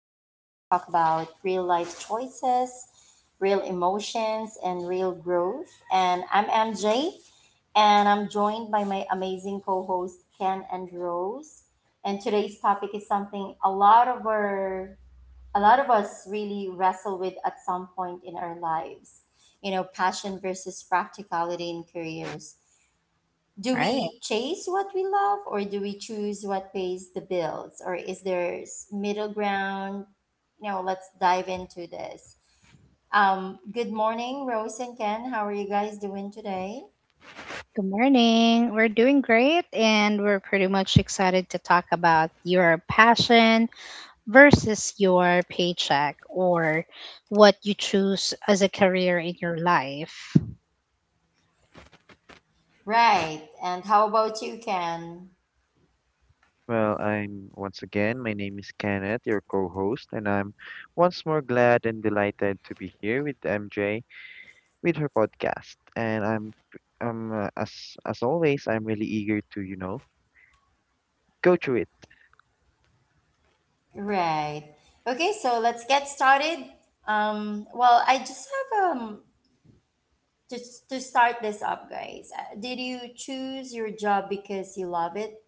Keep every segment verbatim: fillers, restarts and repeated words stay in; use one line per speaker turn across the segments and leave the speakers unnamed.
where we talk about real life choices, real emotions, and real growth. And I'm M J, and I'm joined by my amazing co host, Ken and Rose. And today's topic is something a lot of our a lot of us really wrestle with at some point in our lives. You know, passion versus practicality in careers. Do
Right.
we chase what we love, or do we choose what pays the bills, or is there s- middle ground? You know let's dive into this. Um good morning, Rose and Ken. How are you guys doing today?
Good morning. We're doing great and we're pretty much excited to talk about your passion versus your paycheck or what you choose as a career in your life.
Right, and how about you, Ken?
Well, I'm once again, my name is Kenneth, your co-host, and I'm once more glad and delighted to be here with M J with her podcast. And I'm um uh, as as always, I'm really eager to, you know, go through it.
Right. Okay, so let's get started. Um well, I just have um to, to start this up, guys. Uh, did you choose your job because you love it,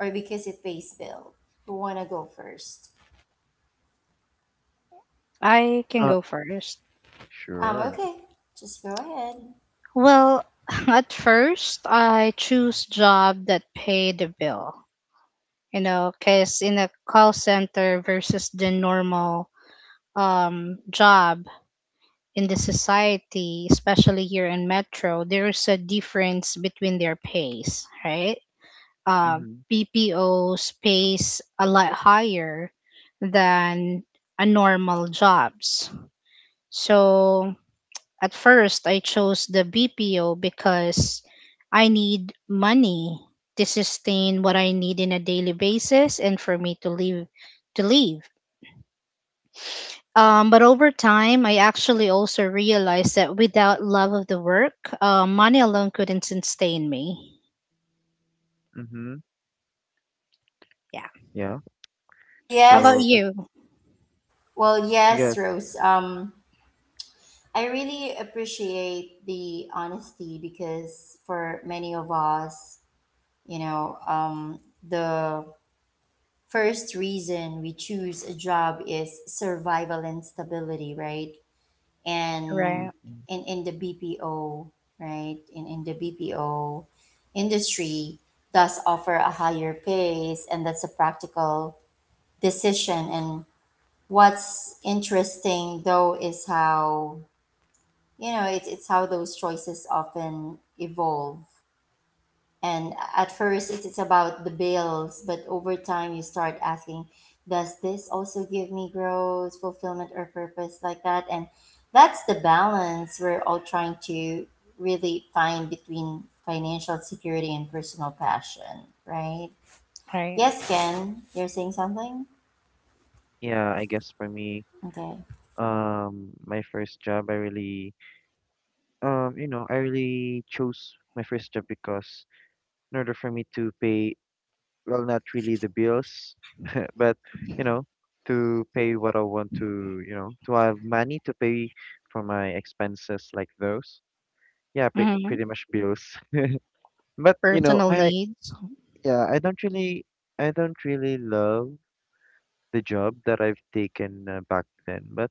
or because it pays bill? Who wanna go first?
I can
Uh,
go first.
Um,
sure.
okay, just go ahead.
Well, at first, I choose job that pay the bill. You know, cause in a call center versus the normal um job, in the society, especially here in Metro, there's a difference between their pays, right? Uh,
Mhm.
B P Os pays a lot higher than a normal jobs. So at first, I chose the B P O because I need money to sustain what I need in a daily basis and for me to live to live. Um, but over time, I actually also realized that without love of the work, uh, money alone couldn't sustain me.
Mhm.
Yeah.
Yeah.
How about
So
Yes,
I,
you?
well,
I
yes,
guess.
Rose. Um, I really appreciate the honesty because for many of us, you know, um, the first reason we choose a job is survival and stability, right? And
Right.
Mhm.
in in the B P O, right? In in the B P O industry does offer a higher pace, and that's a practical decision. And what's interesting though is how, you know it's it's how those choices often evolve. And at first, it is about the bills, but over time, you start asking, does this also give me growth, fulfillment, or purpose like that? And that's the balance we're all trying to really find between financial security and personal passion, right?
Right.
Yes, Ken, you're saying something?
Yeah, I guess for me,
Okay.
um my first job, I really um you know, I really chose my first job because in order for me to pay, well, not really the bills, uh, but you know, to pay what I want to, you know, to have money to pay for my expenses like those. Yeah, pre
hmm
pretty much bills. But, you know,
Personal
I,
needs.
yeah, I don't really, I don't really love the job that I've taken, uh, back then. But,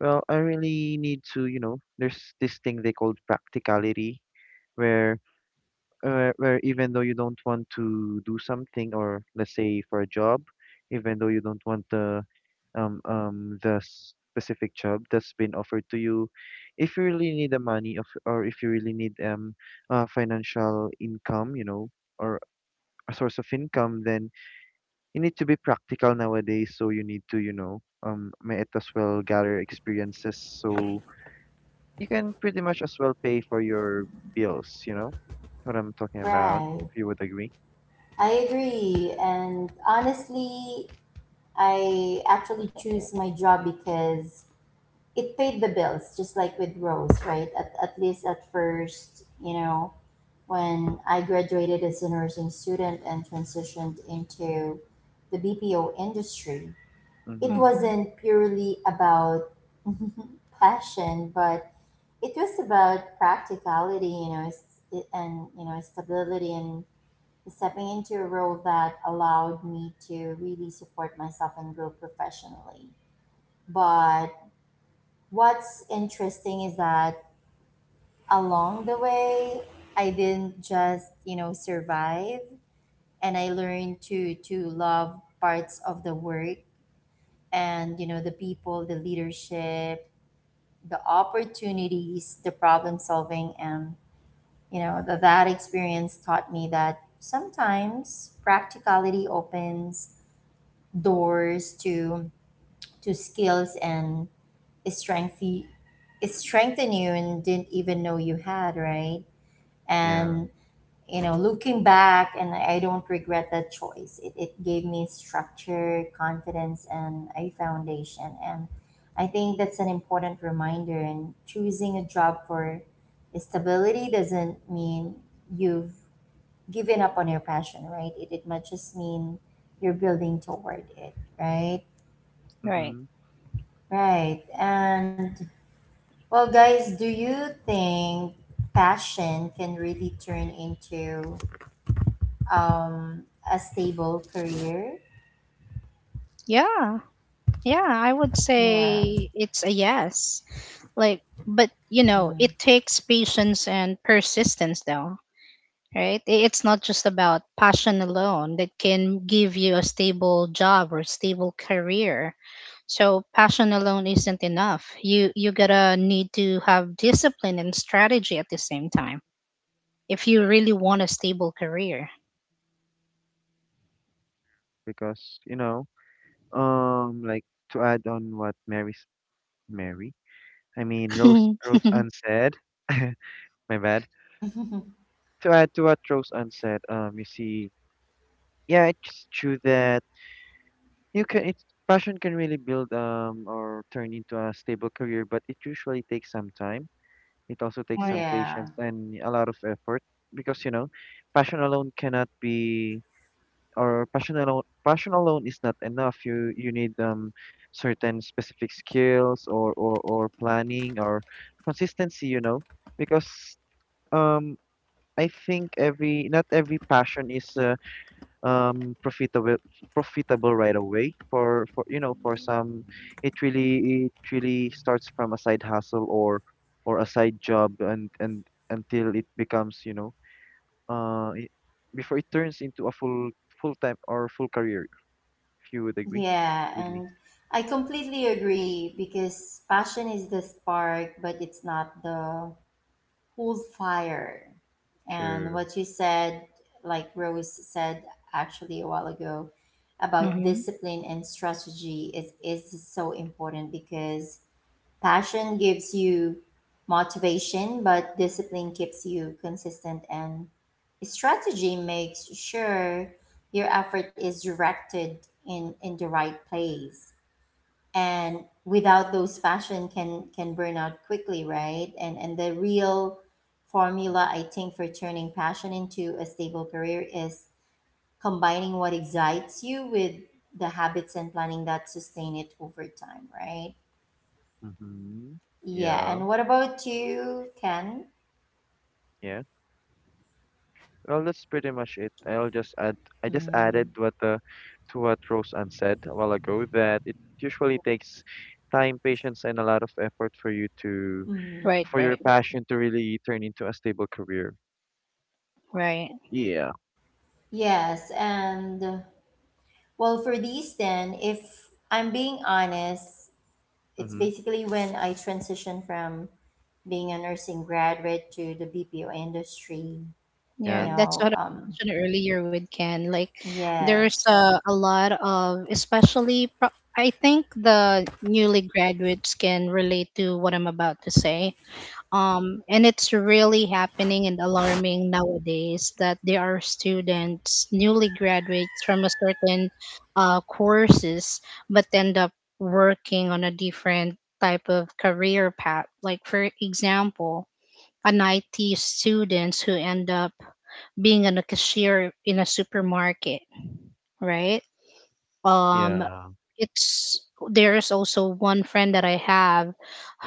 well, I really need to, you know, there's this thing they called practicality where, uh, where even though you don't want to do something, or let's say for a job, even though you don't want the um um the specific job that's been offered to you, if you really need the money of, or if you really need um uh, financial income, you know or a source of income. Then you need to be practical nowadays, so you need to you know um might as well gather experiences, so you can pretty much as well pay for your bills, you know what I'm talking about, if
Right.
you would agree.
I agree. And honestly, I actually choose my job because it paid the bills, just like with Rose, right? At, at least at first, you know, when I graduated as a nursing student and transitioned into the BPO industry, it
Mm-hmm.
hmm
wasn't purely about passion, but it was about practicality, you know, s- and you know, stability, and stepping into a role that allowed me to really support myself and grow professionally. But what's interesting is that along the way, I didn't just, you know, survive, and I learned to to love parts of the work, and you know, the people, the leadership, the opportunities, the problem solving, and you know the, that experience taught me that sometimes practicality opens doors to to skills and strength you- strengthen you, and didn't even know you had, right?
Yeah.
And you know, looking back, and I don't regret that choice. It, it gave me structure, confidence, and a foundation. And I think that's an important reminder. And choosing a job for stability doesn't mean you've given up on your passion, right? It, it might just mean you're building toward it, right?
Right.
Mm-hmm.
Right. And well, guys, do you think passion can really turn into um, a stable career?
Yeah. Yeah, I would
Yeah.
say it's a yes. Like, but you know,
Mm.
it takes patience and persistence, though, right? I- It's not just about passion alone that can give you a stable job or stable career. So passion alone isn't enough. You you gotta need to have discipline and strategy at the same time if you really want a stable career.
Because, you know, um, like, to add on what Mary's, Mary, I mean Rose
Right.
Rose unsaid. My bad. To add to what Rose unsaid, um, you see, yeah, it's true that you can it's passion can really build, um or turn into a stable career, but it usually takes some time. It also takes some
Yeah.
patience and a lot of effort because, you know, passion alone cannot be or passion alone passion alone is not enough. You you need um certain specific skills, or or, or planning, or consistency, you know, because um I think every not every passion is uh, um profitable profitable right away. For for you know for some it really it really starts from a side hustle, or or a side job, and and until it becomes, you know uh it, before it turns into a full full time or full career, you would agree
Yeah.
with me.
And I completely agree, because passion is the spark, but it's not the whole fire. And
Sure.
what you said, like Rose said actually a while ago, about
hmm
discipline and strategy is, is so important. Because passion gives you motivation, but discipline keeps you consistent, and strategy makes sure your effort is directed in, in the right place. And without those, passion can, can burn out quickly, right? And, and the real formula, I think, for turning passion into a stable career is combining what excites you with the habits and planning that sustain it over time, right?
Mm-hmm.
Yeah,
Yeah,
and what about you, Ken?
yeah. Well, that's pretty much it. I'll just add, I just added
Mm.
what uh, to what Roseanne said a while ago, that it usually takes time, patience, and a lot of effort for you to,
right,
Mm.
for
right,
your passion to really turn into a stable career.
right.
Yeah.
Yes, and uh, well, for these, then, if I'm being honest, it's
Mm-hmm.
basically when I transitioned from being a nursing graduate to the B P O industry, you
Yeah,
Yeah,
that's
know.
what I
Um,
mentioned earlier with Ken. Like, there's
yes,
a, a lot of, especially, pro- I think the newly graduates can relate to what I'm about to say. Um, and it's really happening and alarming nowadays that there are students, newly graduates from a certain uh, courses, but end up working on a different type of career path. Like, for example, an I T students who end up being on a cashier in a supermarket, right? Um,
yeah.
it's There's also one friend that I have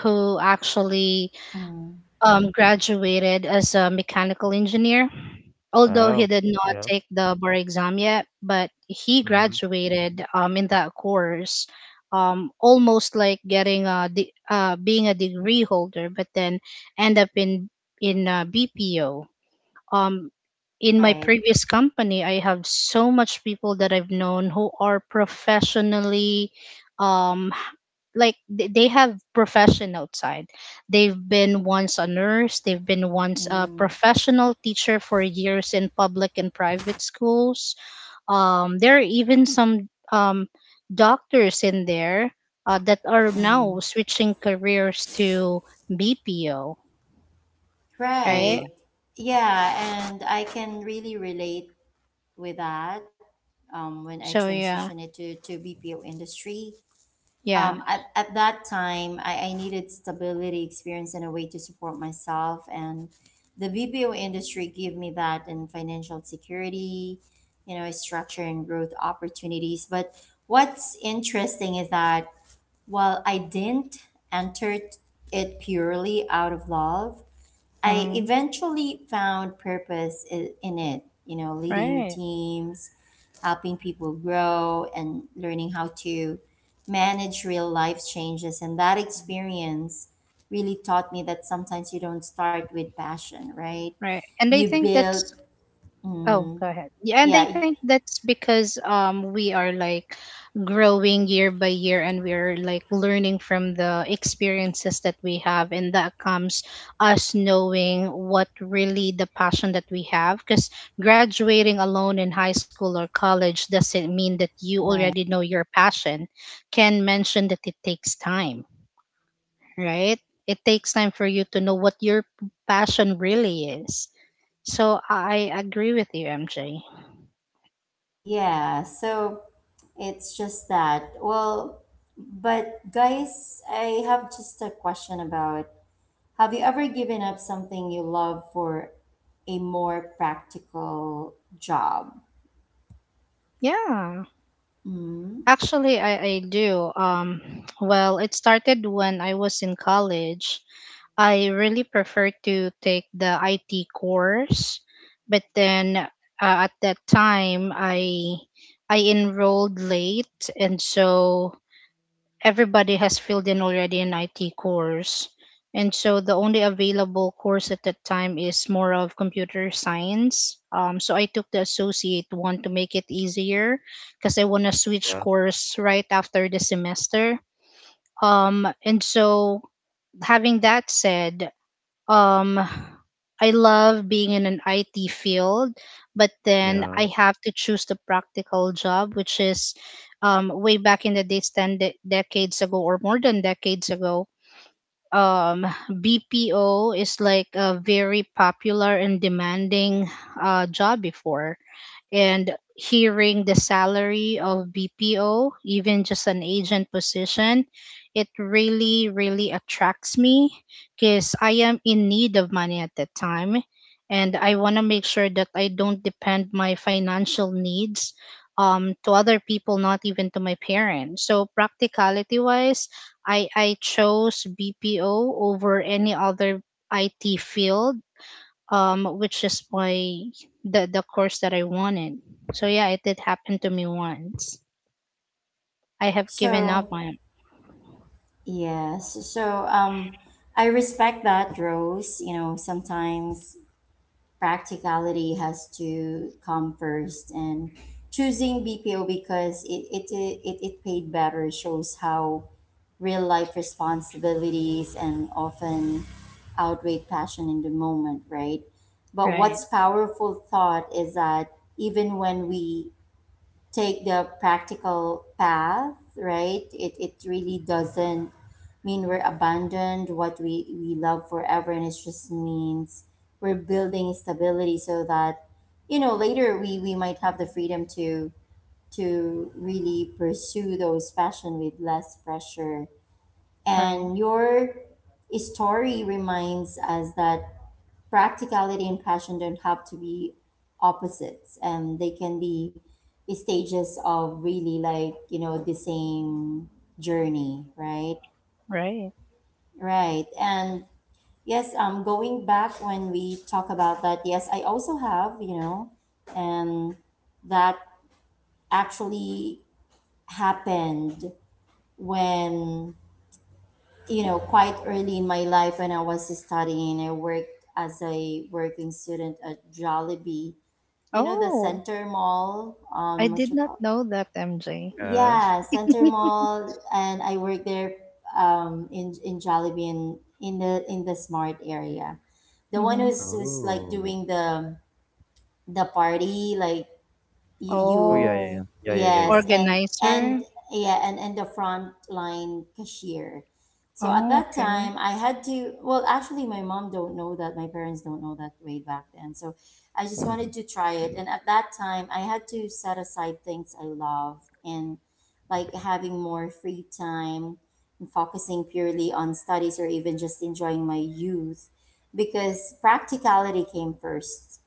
who actually
mm.
um, graduated as a mechanical engineer. Although he
Wow.
did not
Yeah.
take the bar exam yet, but he
Mm-hmm.
graduated um, in that course, um, almost like getting a de- uh, being a degree holder, but then end up in in uh, B P O um, in my
Right,
previous company, I have so much people that I've known who are professionally, um, like th- they have profession outside. They've been once a nurse, they've been once a
mm.
professional teacher for years in public and private schools. Um, there are even some um, doctors in there uh, that are now
Mm.
switching careers to B P O,
Mm-hmm.
Right.
right?
Yeah, and I can really relate with that um, when I
So yeah,
transitioned it to, to B P O industry.
yeah.
Um, at, at that time, I, I needed stability, experience, and a way to support myself. And the B P O industry gave me that, and financial security, you know, structure and growth opportunities. But what's interesting is that while I didn't enter it purely out of love, I
mm.
eventually found purpose i- in it, you know, leading
Right,
teams, helping people grow, and learning how to manage real life changes. And that experience really taught me that sometimes you don't start with passion, right?
right. And I
You
think that's
build,
oh,
mm,
go ahead. Yeah, and I
yeah, y-
think that's because um we are like growing year by year and we're like learning from the experiences that we have and that comes us knowing what really the passion that we have because graduating alone in high school or college doesn't mean that you
right.
already know your passion. Can mention that it takes time, right? It takes time for you to know what your passion really is. So I agree with you, M J.
Yeah, so it's just that. Well, but guys, I have just a question about, have you ever given up something you love for a more practical job?
Yeah.
Mm.
Actually, I, I do. Um, well, it started when I was in college. I really prefer to take the I T course, but then uh, at that time I I enrolled late, and so everybody has filled in already an I T course. And so the only available course at that time is more of computer science. Um, so I took the associate one to make it easier because I want to switch
Yeah,
course right after the semester. Um, and so having that said, um I love being in an I T field, but then
yeah,
I have to choose the practical job, which is um, way back in the days, ten de- decades ago or more than decades ago um, B P O is like a very popular and demanding uh, job before. And hearing the salary of B P O, even just an agent position, it really, really attracts me because I am in need of money at that time. And I want to make sure that I don't depend my financial needs um, to other people, not even to my parents. So practicality wise, I I chose B P O over any other I T field, um, which is my the the course that I wanted. So yeah, it did happen to me once. I have given up
So,
on
yes. So, um, I respect that, Rose. You know, sometimes practicality has to come first, and choosing B P O because it it it, it paid better shows how real life responsibilities and often outweigh passion in the moment, right? But
right,
what's powerful thought is that even when we take the practical path, right, it, it really doesn't mean we're abandoned what we, we love forever, and it just means we're building stability, so that you know later, we, we might have the freedom to to really pursue those passion with less pressure.
right,
And your story reminds us that practicality and passion don't have to be opposites, and they can be stages of really, like, you know, the same journey, right?
right.
Right. And yes, um going back when we talk about that, yes, I also have, you know, and that actually happened when, you know, quite early in my life when I was studying, I worked as a working student at Jollibee. You know, the
Oh,
Center Mall,
I
um, what
did
you
not
call?
know that, M J.
yeah.
Yeah, Center Mall, and I worked there um, in in Jollibee, in, in the in the Smart area. The one
Mm-hmm.
who's who's like
Oh,
doing the the party, like you, you
oh yeah, yeah,
Oh,
yeah, yeah, yeah, yeah,
yes, and and
organizer.
yeah, and and the front line cashier. So at
Oh,
that
okay.
time I had to, well actually my mom don't know that, my parents don't know that way back then, so I just
yeah.
wanted to try it. And at that time I had to set aside things I loved, and like having more free time and focusing purely on studies, or even just enjoying my youth, because practicality came first.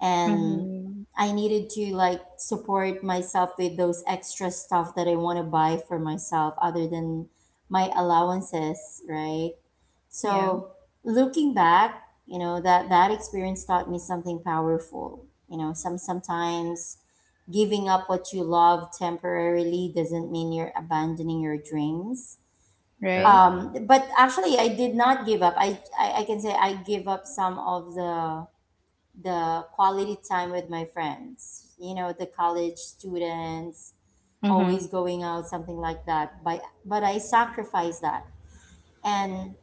And
Mm-hmm.
I needed to like support myself with those extra stuff that I want to buy for myself other than my allowances, right?
Yeah,
So looking back, you know, that that experience taught me something powerful. You know, some sometimes giving up what you love temporarily doesn't mean you're abandoning your dreams.
right.
Yeah.
Um but actually I did not give up. I, I i can say I give up some of the the quality time with my friends, you know, the college students,
Mm-hmm.
always going out, something like that. But but I sacrifice that, and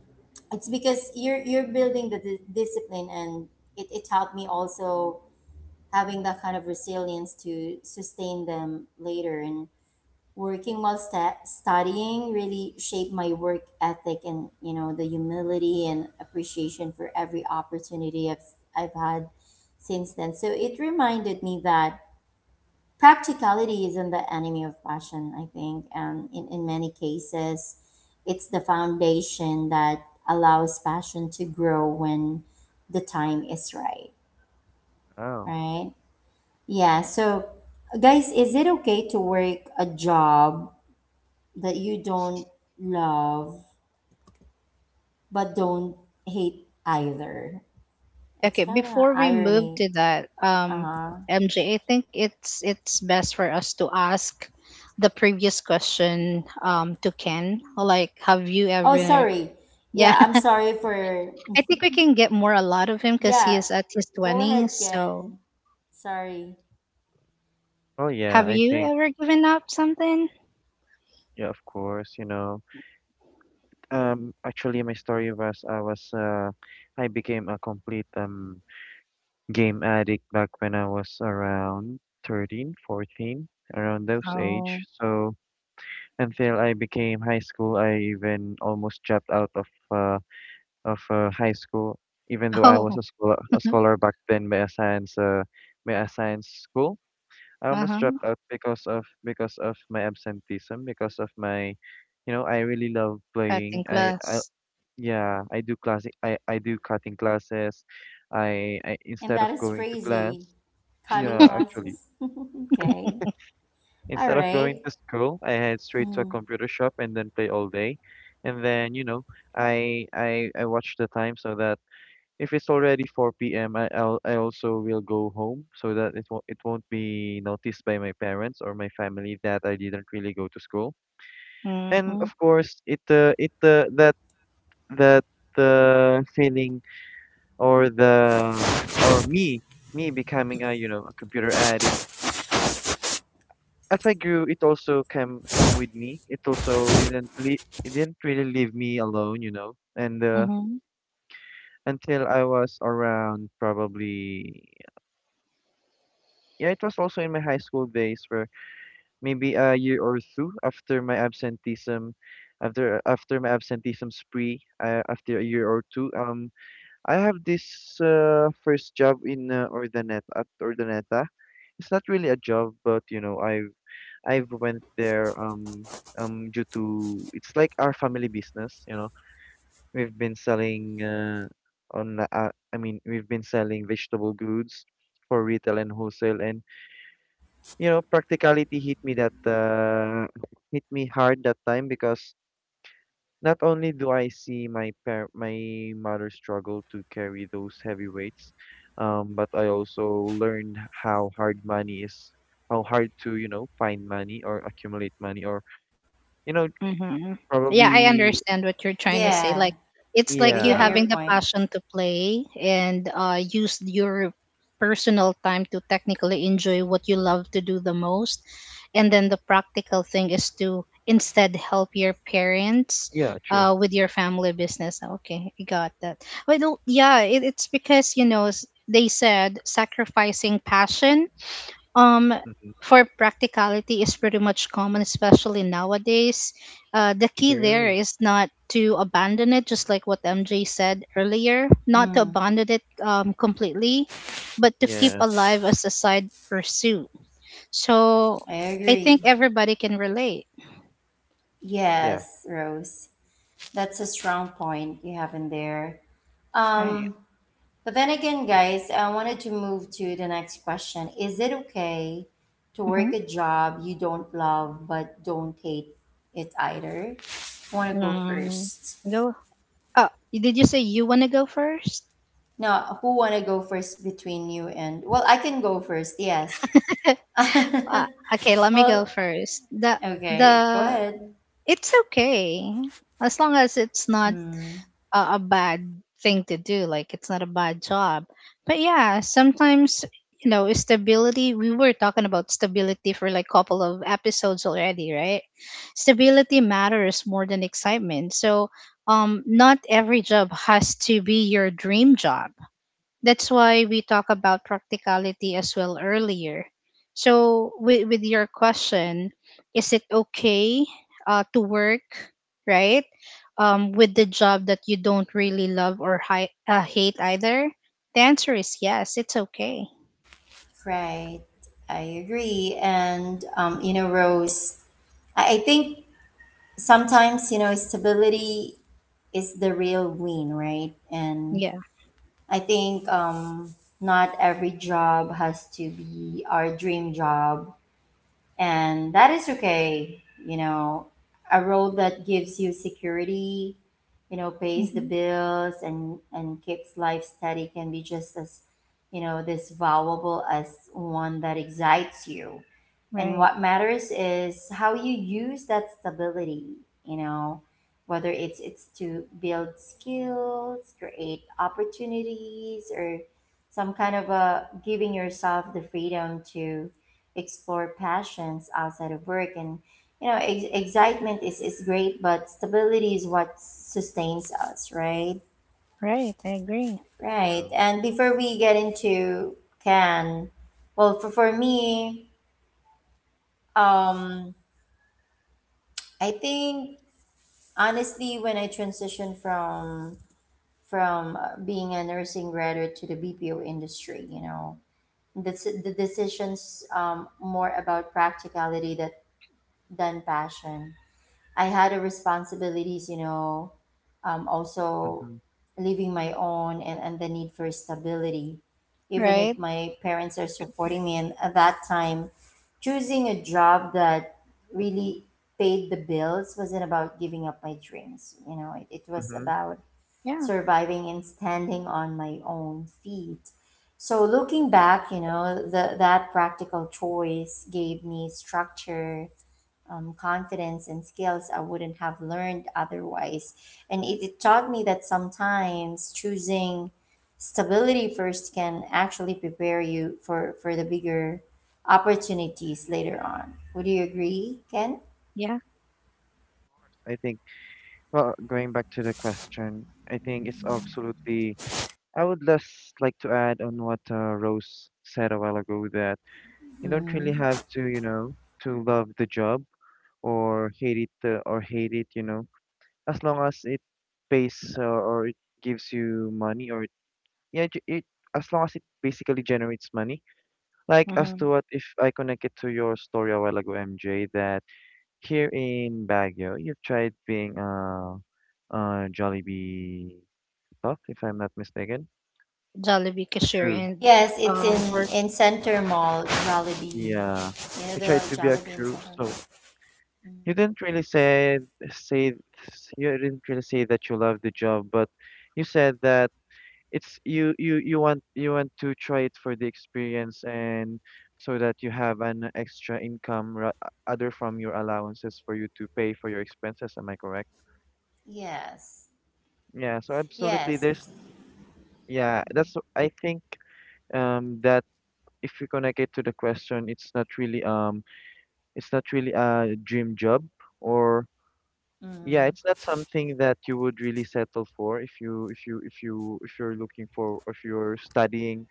it's because you're you're building the di- discipline, and it, it helped me also having that kind of resilience to sustain them later. And working while sta studying really shaped my work ethic, and you know, the humility and appreciation for every opportunity I've I've had since then. So it reminded me that practicality isn't the enemy of passion, I think, and in, in many cases, it's the foundation that allows passion to grow when the time is right,
Oh,
right? Yeah, so guys, is it okay to work a job that you don't love but don't hate either? It's
Okay,
kind of
before we move
irony.
to that, um,
Uh-huh.
M J, I think it's it's best for us to ask the previous question um to Ken. Like, have you
Oh,
ever?
sorry.
Yeah,
Yeah, I'm sorry for.
I think we can get more a lot of him because he
Yeah,
is at his
go
twenties.
ahead,
So,
Ken. Sorry.
oh yeah,
have
I
you
think,
ever given up something?
yeah, of course, you know. Um, actually, my story was, I was uh, I became a complete um game addict back when I was around thirteen, fourteen, around those age.
Oh,
So until I became high school, I even almost dropped out of uh of uh, high school, even though I was
oh,
a scholar a scholar back then, by a science uh by a science school. I
uh
almost
huh.
dropped out because of because of my absenteeism, because of my, you know, I really love playing.
Cutting
I, I
class.
Yeah, I do classic. I I do cutting classes. I I
And
Instead of
that is
going to class,
crazy. Cutting
yeah, actually,
classes. Okay. All
instead of going
right.
to school, I head straight to a
Mm.
computer shop and then play all day, and then you know, I I I watch the time, so that if it's already four p m, I, I'll I also will go home, so that it won't it won't be noticed by my parents or my family that I didn't really go to school. And
Mm-hmm,
of course, it uh, it uh, that that uh, feeling, or the, or me me becoming a you know a computer addict, as I grew, it also came come with me. It also didn't le- it didn't really leave me alone, you know. And uh,
mm-hmm.
until I was around, probably. Yeah, it was also in my high school days, where maybe a year or two after my absenteeism, after after my absenteeism spree, uh, after a year or two, um, I have this uh, first job in, uh, Ordaneta, at Ordaneta. It's not really a job, but you know, I've I've went there, um um due to it's like our family business. You know, we've been selling uh, on uh, I mean we've been selling vegetable goods for retail and wholesale, and you know, practicality hit me that uh, hit me hard that time, because not only do I see my par my mother struggle to carry those heavy weights, um, but I also learned how hard money is, how hard to, you know, find money, or accumulate money, or, you know,
Mm-hmm. Yeah, I
probably.
understand what you're
Yeah,
trying to say. Like,
we got your
it's like
point.
you
Yeah,
having the passion to play and uh, use your personal time to technically enjoy what you love to do the most. And then the practical thing is to instead help your parents
yeah, true.
uh, with your family business. Okay, I got that. Well, yeah, it, it's because, you know, s- they said sacrificing passion um
Hmm.
for practicality is pretty much common, especially nowadays uh, the key there
True.
is not to abandon it, just like what MJ said earlier, not to
Mm,
abandon it um, completely, but to keep
Yeah,
alive as a side pursuit, so
I
I think
agree.
everybody can relate,
yeah,
Yes, Rose. That's a strong point you have in there.
right.
Um, But then again, guys, I wanted to move to the next question. Is it okay to
Mm-hmm.
work a job you don't love but don't hate it either? Want to go
um,
first?
go Oh, did you say you want to go first?
Now, who want to go first between you and, well, I can go first. Yes.
Uh, okay, let me go
Well,
first. The
okay, go
the
ahead.
It's okay as long as it's not
Hmm.
a, a bad thing to do. Like it's not a bad job. But yeah, sometimes you know stability. We were talking about stability for like couple of episodes already, right? Stability matters more than excitement. So um, not every job has to be your dream job. That's why we talk about practicality as well earlier. So, with, with your question, is it okay uh, to work, right? Um, with the job that you don't really love or hi- uh, hate either? The answer is yes, it's okay.
Right. I agree. And um, you know, Rose, I, I think sometimes you know stability is the real win, right? And
Yeah.
I think um, not every job has to be our dream job, and that is okay. You know, a role that gives you security, you know, pays the
hmm
bills and and keeps life steady, can be just as, you know, this valuable as one that excites you. And
Right.
what matters is how you use that stability, you know, whether it's it's to build skills, create opportunities, or some kind of a giving yourself the freedom to explore passions outside of work. And you know, ex- excitement is, is great, but stability is what sustains us, right?
Right, I agree.
Right,
true.
and before we get into can well, for, for me, um I think honestly when I transitioned from from uh, being a nursing graduate to the BPO industry, you know, the, the decisions um more about practicality that than passion. I had a responsibilities, you know, um, also
Mm-hmm.
living my own, and, and the need for stability. Even if
Right.
my parents are supporting me, and at that time, choosing a job that really paid the bills wasn't about giving up my dreams. You know, it, it was
Mm-hmm.
about
Yeah.
surviving and standing on my own feet. So looking back, you know, the, that practical choice gave me structure, um, confidence and skills I wouldn't have learned otherwise. And it, it taught me that sometimes choosing stability first can actually prepare you for, for the bigger opportunities later on. Would you agree, Ken?
Yeah.
I think, well, going back to the question, I think it's absolutely I would just like to add on what, uh, Rose said a while ago, that you don't really have
Mhm.
to, you know, to love the job, or hate it uh, or hate it, you know, as long as it pays, uh, or it gives you money, or it, yeah, it, it as long as it basically generates money. Like, as
Mm-hmm.
to what, if I connect it to your story a while ago, M J, that here in Baguio you've tried being a, a Jollibee stuff, if I'm not mistaken.
Jollibee
A
cashier
crew.
and
Yes, it's in,
um or
in Center Mall, Jollibee.
Yeah,
You know
you
the
tried to be a
Jollibee in
crew,
Center
so
Mall?
you
Mhm.
didn't really say say you didn't really say that you love the job, but you said that it's you you you want you want to try it for the experience, and so that you have an extra income, ra- other from your allowances, for you to pay for your expenses. Am I correct?
Yes.
Yeah, so absolutely,
Yes.
there's
It's,
yeah, that's wh- I think um that if you connect it to the question, it's not really, um it's not really a dream job. Or, yeah,
mhm.
it's not something that you would really settle for, if you if you if you if you're looking for if you're studying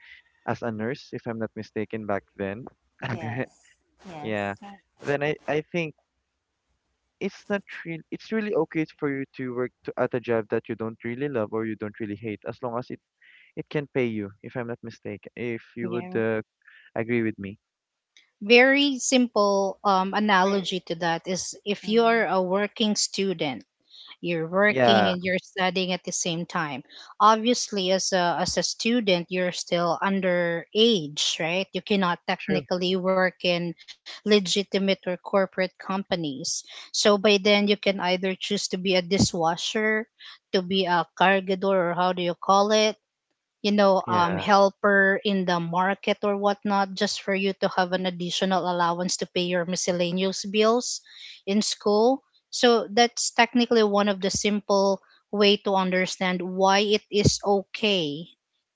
as a nurse, if I'm not mistaken back then.
Yes.
Yeah.
Yes.
Then I I think it's not real it's really okay for you to work to, at a job that you don't really love, or you don't really hate, as long as it it can pay you, if I'm not mistaken. If you would,
yeah,
uh, agree with me.
very simple um,
Very.
analogy to that is, if you are
Mhm.
a working student, you're working
Yeah,
and you're studying at the same time. Obviously, as a as a student, you're still under age, right? You cannot
true.
technically work in legitimate or corporate companies, so by then you can either choose to be a dishwasher, to be a cargador, or how do you call it, you know, um,
Yeah.
helper in the market or whatnot, just for you to have an additional allowance to pay your miscellaneous bills in school. So that's technically one of the simple way to understand why it is okay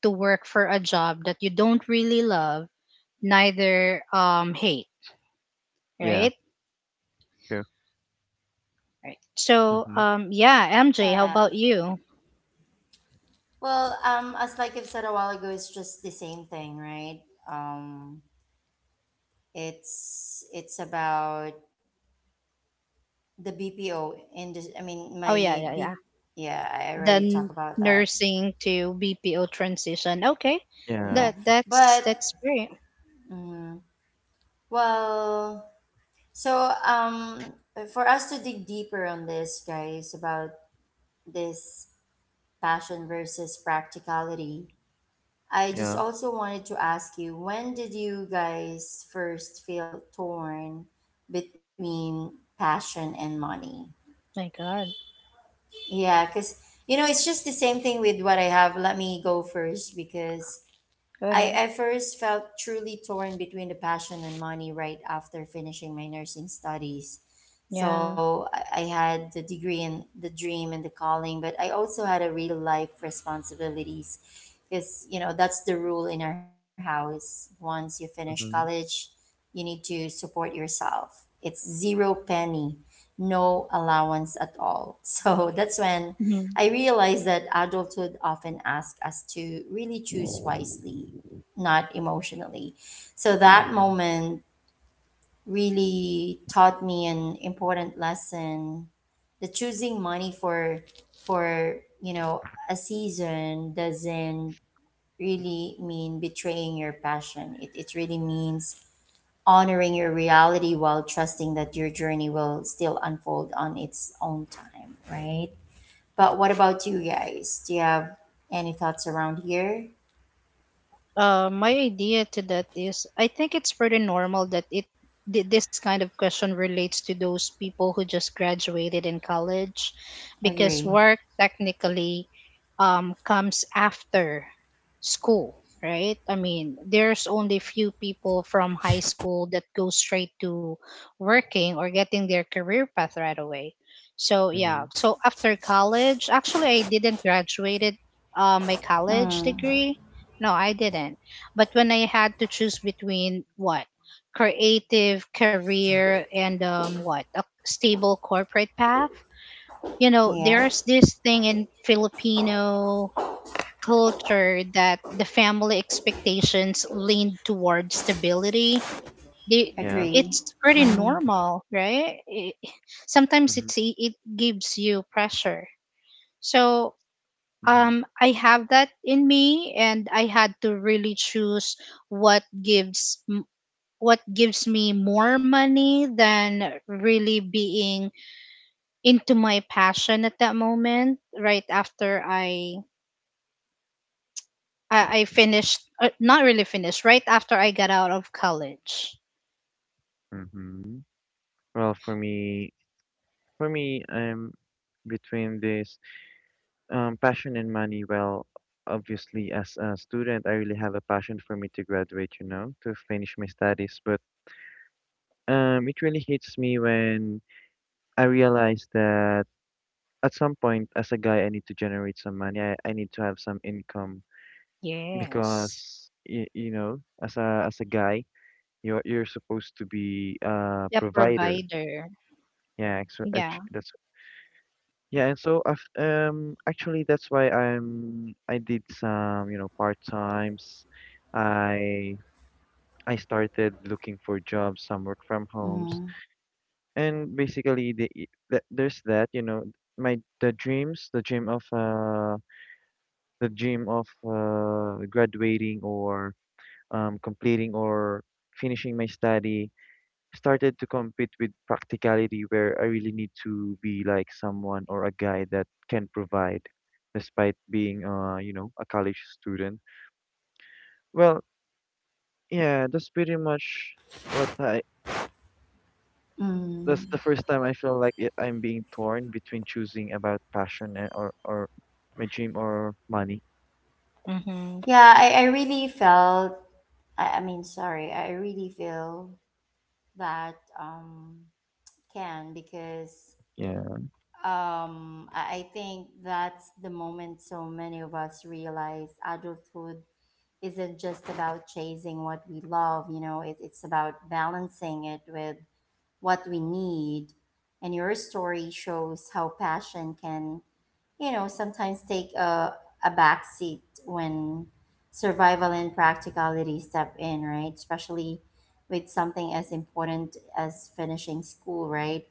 to work for a job that you don't really love, neither um, hate,
Yeah,
right?
true.
Right. So
Mhm.
um, yeah, M J, how
Yeah.
about you?
Well, um, as like I've said a while ago, it's just the same thing, right? Um, it's it's about the B P O industry. I mean, my
Oh yeah, yeah, yeah.
B. Yeah, I
The
already talked
n-
about that.
nursing to B P O transition. Okay,
Yeah.
Yeah,
that that's
but
that's great.
mm, well, so um, for us to dig deeper on this, guys, about this passion versus practicality, I just
Yeah.
also wanted to ask you, when did you guys first feel torn between passion and money?
My God,
Yeah, because, you know, it's just the same thing with what I have. Let me go first because
go
I,
ahead.
I first felt truly torn between the passion and money right after finishing my nursing studies.
Yeah.
So I, I had the degree and the dream and the calling, but I also had a real life responsibilities because, you know, that's the rule in our house. Once you finish
Mhm.
college, you need to support yourself. It's zero penny, no allowance at all. So that's when
hmm
I realized that adulthood often asks us to really choose wisely, not emotionally. So
Right.
that
Mhm.
moment really taught me an important lesson, that choosing money for for you know a season doesn't really mean betraying your passion. It it really means honoring your reality while trusting that your journey will still unfold on its own time, right? But what about you guys? Do you have any thoughts around here?
Uh, my idea to that is I think it's pretty normal that it thi- this kind of question relates to those people who just graduated in college, because
Agree.
work technically um, comes after school, right? I mean, there's only few people from high school that go straight to working or getting their career path right away. So yeah,
Mhm.
so after college, actually I didn't graduated uh, my college
Mm,
degree, no, I didn't. But when I had to choose between what? Creative career and um what? A stable corporate path? You
yeah.
know, there's this thing in Filipino culture that the family expectations lean toward stability. They
Yeah.
Agree.
it's pretty
Mm,
normal, right? It, sometimes
Mm-hmm.
it's e- it gives you pressure. So
Mm-hmm.
um I have that in me and I had to really choose what gives m- what gives me more money than really being into my passion at that moment right after I I, I finished uh, not really finished right after I got out of college.
Mm-hmm. Well, for me, for me, um, between this um passion and money, well, obviously as a student, I really have a passion for me to graduate, you know, to finish my studies. But um, it really hits me when I realize that at some point, as a guy, I need to generate some money. I, I need to have some income,
Yes.
because y you know, as a as a guy, you're you're supposed to be a
The
provider.
provider.
Yeah, so
Yeah.
act- that's yeah, and so I've, um actually, that's why I'm I did some, you know, part times. I I started looking for jobs, some work from
mm,
homes. And basically the, i- the there's that, you know, my the dreams, the dream of uh the dream of uh graduating, or um completing, or finishing my study, started to compete with practicality, where I really need to be like someone, or a guy that can provide, despite being uh you know a college student. Well, yeah, that's pretty much what I that's the
mm.
first time I feel like it, I'm being torn between choosing about passion, and, or or my dream, or money.
Mhm.
Yeah, I, I really felt, I, I mean, sorry, I really feel that um, can, because
Yeah,
um, I, I think that's the moment so many of us realize adulthood isn't just about chasing what we love. You know, it, it's about balancing it with what we need. And your story shows how passion can, you know, sometimes take a, a back seat when survival and practicality step in, right? Especially with something as important as finishing school, right?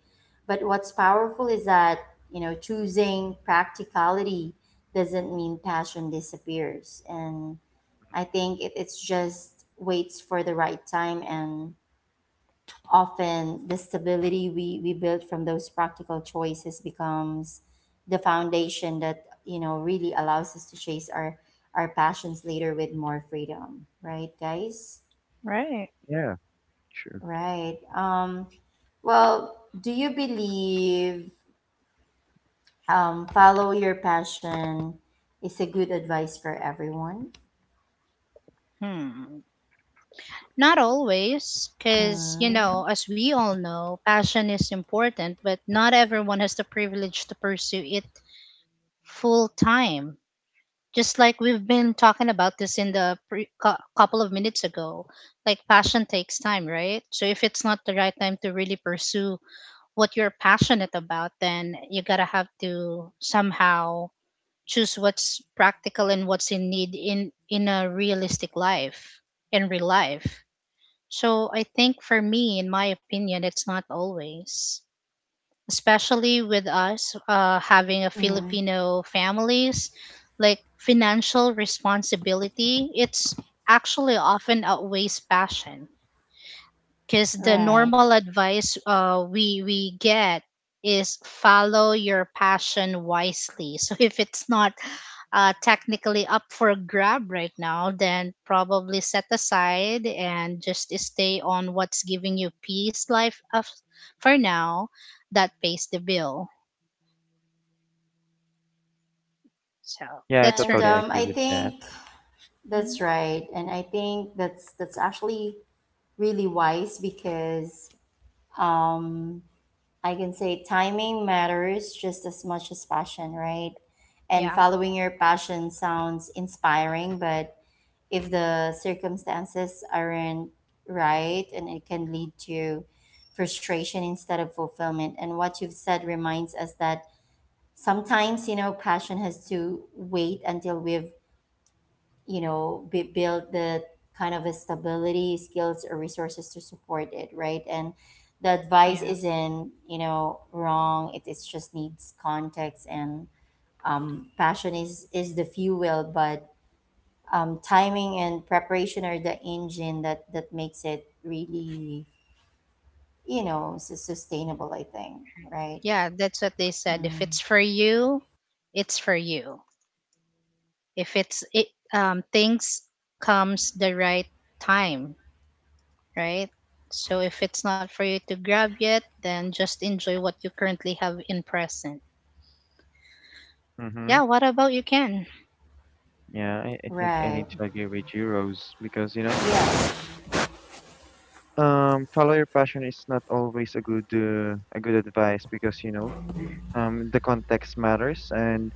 But what's powerful is that, you know, choosing practicality doesn't mean passion disappears. And I think it, it's just waits for the right time. And often, the stability we, we build from those practical choices becomes the foundation that you know really allows us to chase our our passions later with more freedom, right, guys?
Right.
yeah, sure,
Right. Um, well, do you believe um, follow your passion is a good advice for everyone?
Hmm. Not always, because, you
Mm,
know, as we all know, passion is important, but not everyone has the privilege to pursue it full time. Just like we've been talking about this in the pre- cou- couple of minutes ago, like passion takes time, right? So if it's not the right time to really pursue what you're passionate about, then you gotta have to somehow choose what's practical and what's in need in in a realistic life, in real life. So I think for me, in my opinion, it's not always, especially with us uh, having a
mm,
Filipino families, like financial responsibility, it's actually often outweighs passion because the
right.
normal advice uh, we we get is follow your passion wisely. So if it's not uh, technically up for grab right now, then probably set aside and just stay on what's giving you peace life of, for now, that pays the bill. So
yeah, I
that's for
And
totally
me.
um,
agree
I
with that.
think
Mhm.
that's right. And I think that's that's actually really wise because, um, I can say timing matters just as much as passion, right? And
Yeah,
following your passion sounds inspiring, but if the circumstances aren't right, and it can lead to frustration instead of fulfillment. And what you've said reminds us that sometimes, you know, passion has to wait until we've you know b- build the kind of a stability, skills, or resources to support it, right? And the advice
yeah,
isn't, you know wrong. It it's just needs context. And um, passion is is the fuel, but um, timing and preparation are the engine that that makes it really, you know su- sustainable, I think. Right?
yeah. That's what they said. If
Mm,
it's for you, it's for you. If it's it um things Comes the right time, right? So if it's not for you to grab yet, then just enjoy what you currently have in present. Yeah,
Mhm.
what about you, can
Yeah, I, I think I
right.
need to agree with you, Rose, because, you know.
Yes.
Um, follow your passion is not always a good uh, a good advice because, you know um the context matters. And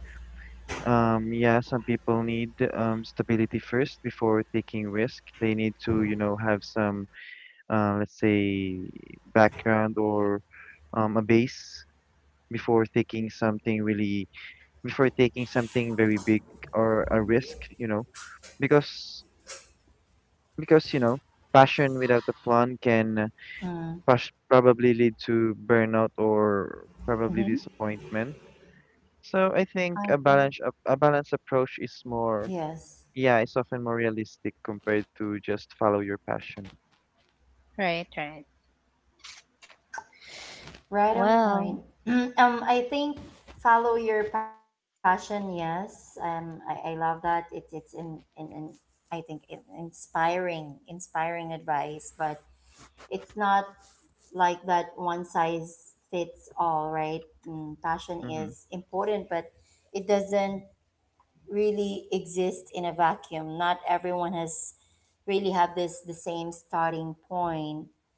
um yeah some people need um stability first before taking risk. They need to you know have some, uh, let's say, background, or um a base, before taking something really before taking something very big, or a risk, you know, because because you know passion without a plan can
Mm,
pros- probably lead to burnout, or probably
mm-hmm.
disappointment. So I think a
Uh-huh.
balance a balanced approach is more
yes.
yeah, it's often more realistic, compared to just follow your passion.
Right, right.
Right on
Well,
point. um, I think follow your passion. Yes. Um, I, I love that. It's it's in in, in, I think, in, inspiring inspiring advice, but it's not like that one size fits all, right? Mm, passion
Mhm.
is important, but it doesn't really exist in a vacuum. Not everyone has really have this the same starting point,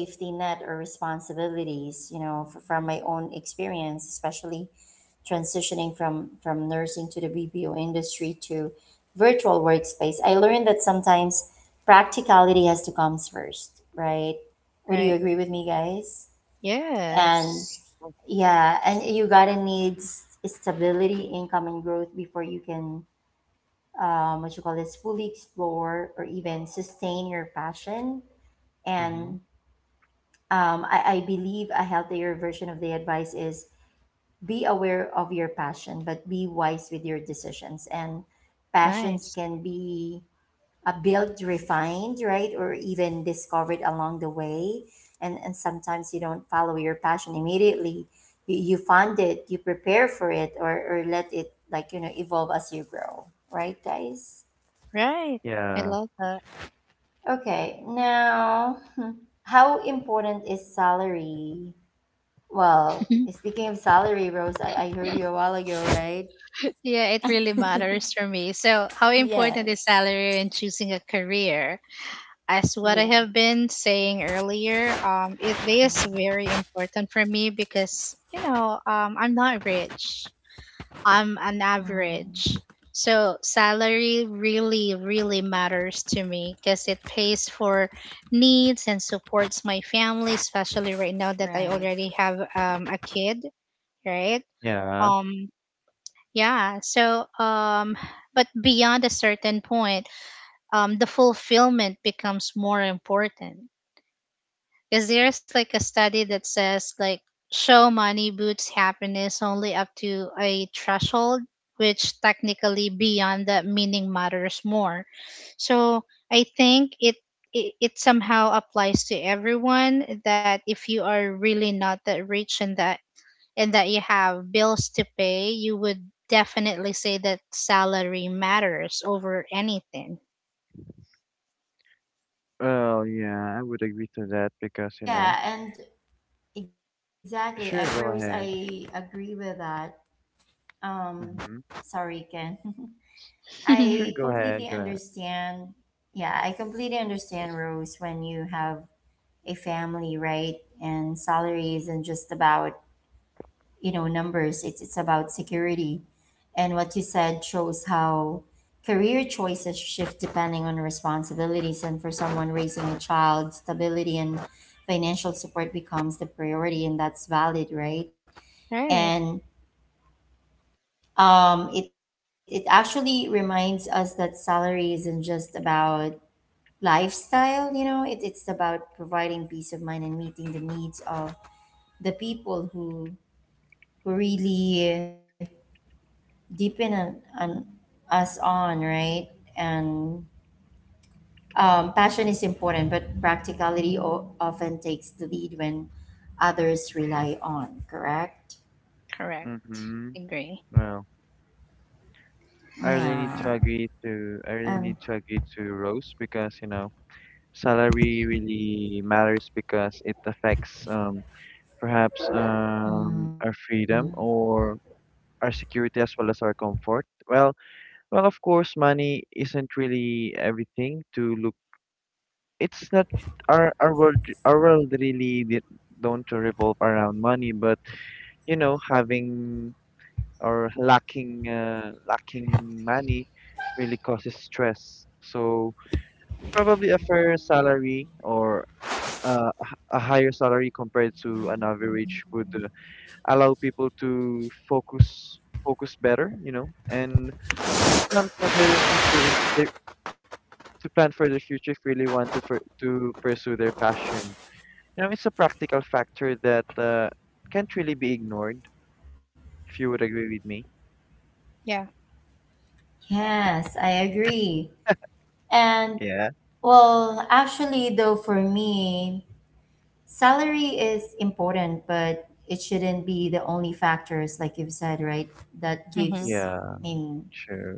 safety net, or responsibilities. You know f- from my own experience, especially transitioning from from nursing to the BPO industry to virtual workspace, I learned that sometimes practicality has to come first, right? Would
right.
you agree with me, guys? And
Yes.
yeah, and you gotta need s- stability, income, and growth before you can, um, what you call this, fully explore or even sustain your passion.
Mhm.
And um, I, I believe a healthier version of the advice is, be aware of your passion, but be wise with your decisions. And passions
Nice.
can be uh, built, refined, right, or even discovered along the way. And and sometimes you don't follow your passion immediately. You, you fund it, you prepare for it, or or let it, like, you know evolve as you grow, right, guys?
Right, I
Yeah.
love that.
Okay, now how important is salary? Well, speaking of salary, Rose, I, I heard you a while ago, right?
Yeah, it really matters for me. So how important is
Yes.
salary in choosing a career? As what I
Yeah.
have been saying earlier, um, it is
Mm,
very important for me because you know um, I'm not rich. I'm an
mm,
average. So salary really, really matters to me because it pays for needs and supports my family, especially right now that I
right.
already have um, a kid, right?
Yeah.
Um, yeah. So um, but beyond a certain point, um, the fulfillment becomes more important. Because there's like a study that says like show money boosts happiness only up to a threshold, which technically beyond that meaning matters more. So I think it it, it somehow applies to everyone that if you are really not that rich and that and that you have bills to pay, you would definitely say that salary matters over anything.
Well, yeah, I would agree to that because, you know,
Yeah, and exactly, I, Rose,
sure, go
I
ahead.
agree with that. Um,
Mhm.
Sorry, Ken. I
Sure, go
completely
ahead. Go ahead.
understand. Yeah, I completely understand, Rose, when you have a family, right? And salary isn't just about, you know numbers. It's it's about security. And what you said shows how career choices shift depending on responsibilities, and for someone raising a child, stability and financial support becomes the priority, and that's valid, right?
Right.
And um, it, it actually reminds us that salary isn't just about lifestyle. you know it, it's about providing peace of mind and meeting the needs of the people who who really deepen on, on us on, right. And um, passion is important, but practicality o- often takes the lead when others rely on, correct?
Correct.
Mhm.
Agree.
Well, I really need to agree
Yeah.
to I really need to
um
agree to Rose, because, you know, salary really matters because it affects, um, perhaps, um, our freedom, or our security, as well as our comfort. Well, well, of course, money isn't really everything to look. It's not our our world. Our world really di- don't revolve around money, but you know, having or lacking uh, lacking money really causes stress. So probably a fair salary or uh, a h- a higher salary compared to an average would uh, allow people to focus focus better, you know, and plan for their future if they to plan for their future if really want to for, to pursue their passion. You know, it's a practical factor that uh, can't really be ignored. If you would agree with me.
Yeah.
yes, I agree. And
Yeah.
well, actually, though, for me, salary is important, but it shouldn't be the only factors, like you've said, right? that
Mm-hmm.
Yeah,
gives i mean
sure.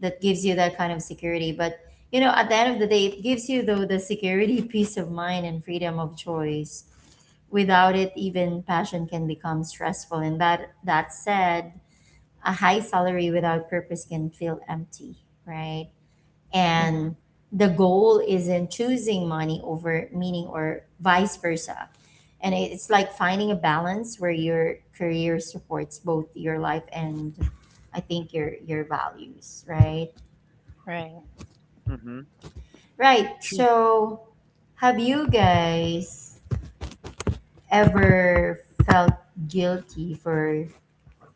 that gives you that kind of security. But you know, at the end of the day, it gives you though the security, peace of mind, and freedom of choice. Without it, even passion can become stressful. And that that said, a high salary without purpose can feel empty, right?
Mm-hmm.
Mm-hmm.
And the goal isn't choosing money over meaning or vice versa. And it- it's like finding a balance where your career supports both your life and, I think, your your values, right?
Right.
Mm-hmm.
Right.
True.
So, have you guys ever felt guilty for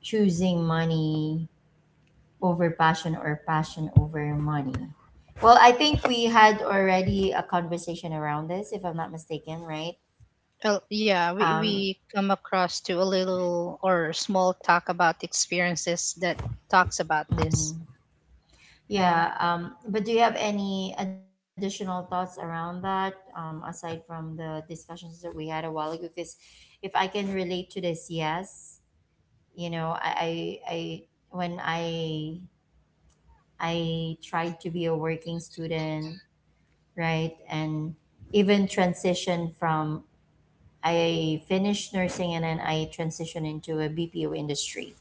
choosing money over passion, or passion over money? Well, I think we had already a conversation around this, if I'm not mistaken, right?
Oh, yeah, we,
Um,
we come across to a little or small talk about experiences that talks about
mm,
this. Yeah.
yeah. Um, but do you have any additional thoughts around that, um, aside from the discussions that we had a while ago? Because if I can relate to this, yes. You know, I, I, I when I, I tried to be a working student, right, and even transition from, I finished nursing and then I transitioned into a B P O industry.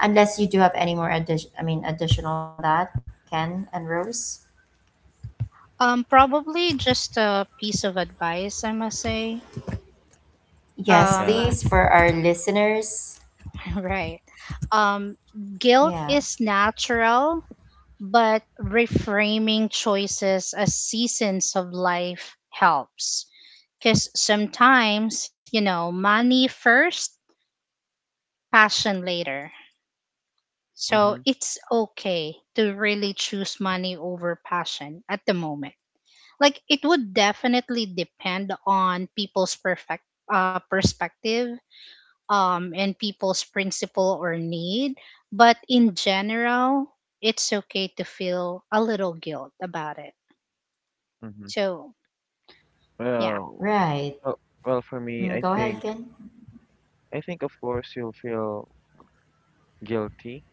Unless you do have any more addition, I mean, additional on that, Ken and Rose.
Um, probably just a piece of advice, I must say.
Yes,
Um,
Yeah.
please, for our listeners.
right. Um, guilt
Yeah,
is natural, but reframing choices as seasons of life helps. Because sometimes, you know, money first, passion later. So
Mm-hmm.
it's okay to really choose money over passion at the moment. Like it would definitely depend on people's perfect uh, perspective um and people's principle or need, but in general, it's okay to feel a little guilt about it.
Mm-hmm.
So, yeah.
Well,
right.
well, well, for me,
Mm,
I
go ahead,
think
Ken.
I think of course you'll feel guilty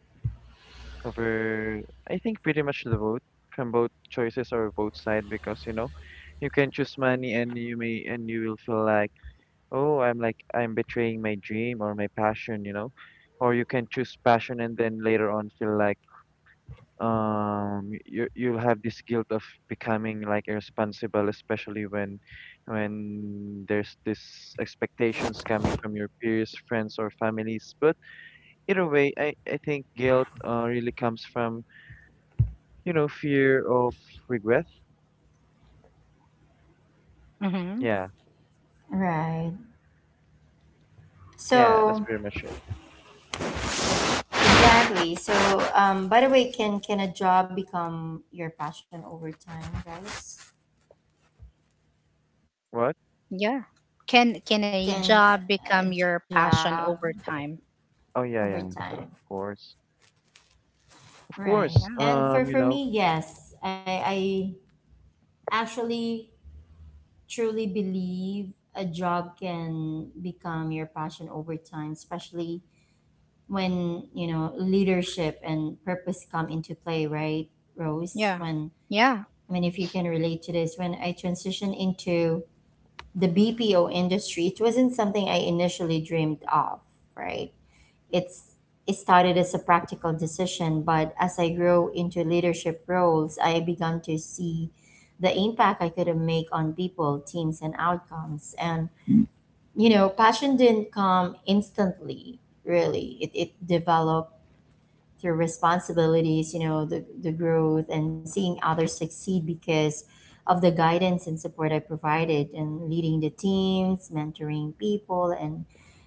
over. I think pretty much the vote from both choices or both side, because you know you can choose money and you may and you will feel like, oh, I'm like I'm betraying my dream or my passion, you know or you can choose passion and then later on feel like um you you'll have this guilt of becoming like irresponsible, especially when when there's this expectations coming from your peers, friends or families. But either way, I I think guilt uh, really comes from you know, fear of regret.
Mhm.
Yeah,
Right.
yeah, that's
So
pretty much it.
exactly. So um, by the way, can can a job become your passion over time, guys?
What?
Yeah. Can can a
Can a
job become
a
your
job
passion over time?
Oh yeah,
over
yeah, of
time,
course, of
right?
course.
Yeah.
And for
Um, you
for
know,
me, yes, I I actually truly believe a job can become your passion over time, especially when, you know, leadership and purpose come into play, right, Rose?
Yeah.
When,
Yeah.
I mean, if you can relate to this, when I transitioned into the B P O industry, it wasn't something I initially dreamed of, right? it's it started as a practical decision, but as I grew into leadership roles, I began to see the impact I could make on people, teams, and outcomes. And you know, passion didn't come instantly, really. It it developed their responsibilities, you know, the, the growth and seeing others succeed because of the guidance and support I provided, and leading the teams, mentoring people, and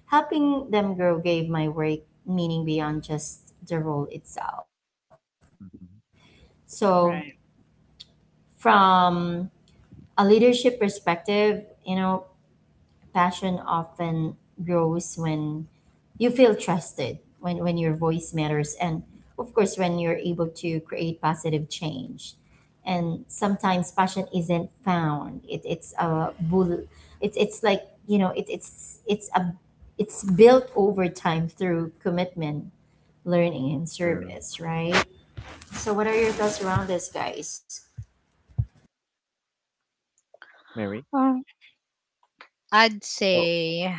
helping them grow gave my work meaning beyond just the role itself. So,
Mhm,
Right.
from a leadership perspective, you know, passion often grows when you feel trusted, when when your voice matters, and of course when you're able to create positive change. And sometimes passion isn't found. It, it's a bull it's it's like you know it, it's it's a it's built over time through commitment, learning, and
sure,
service, right? So what are your thoughts around this, guys?
Mary.
Um, I'd
Oh,
say,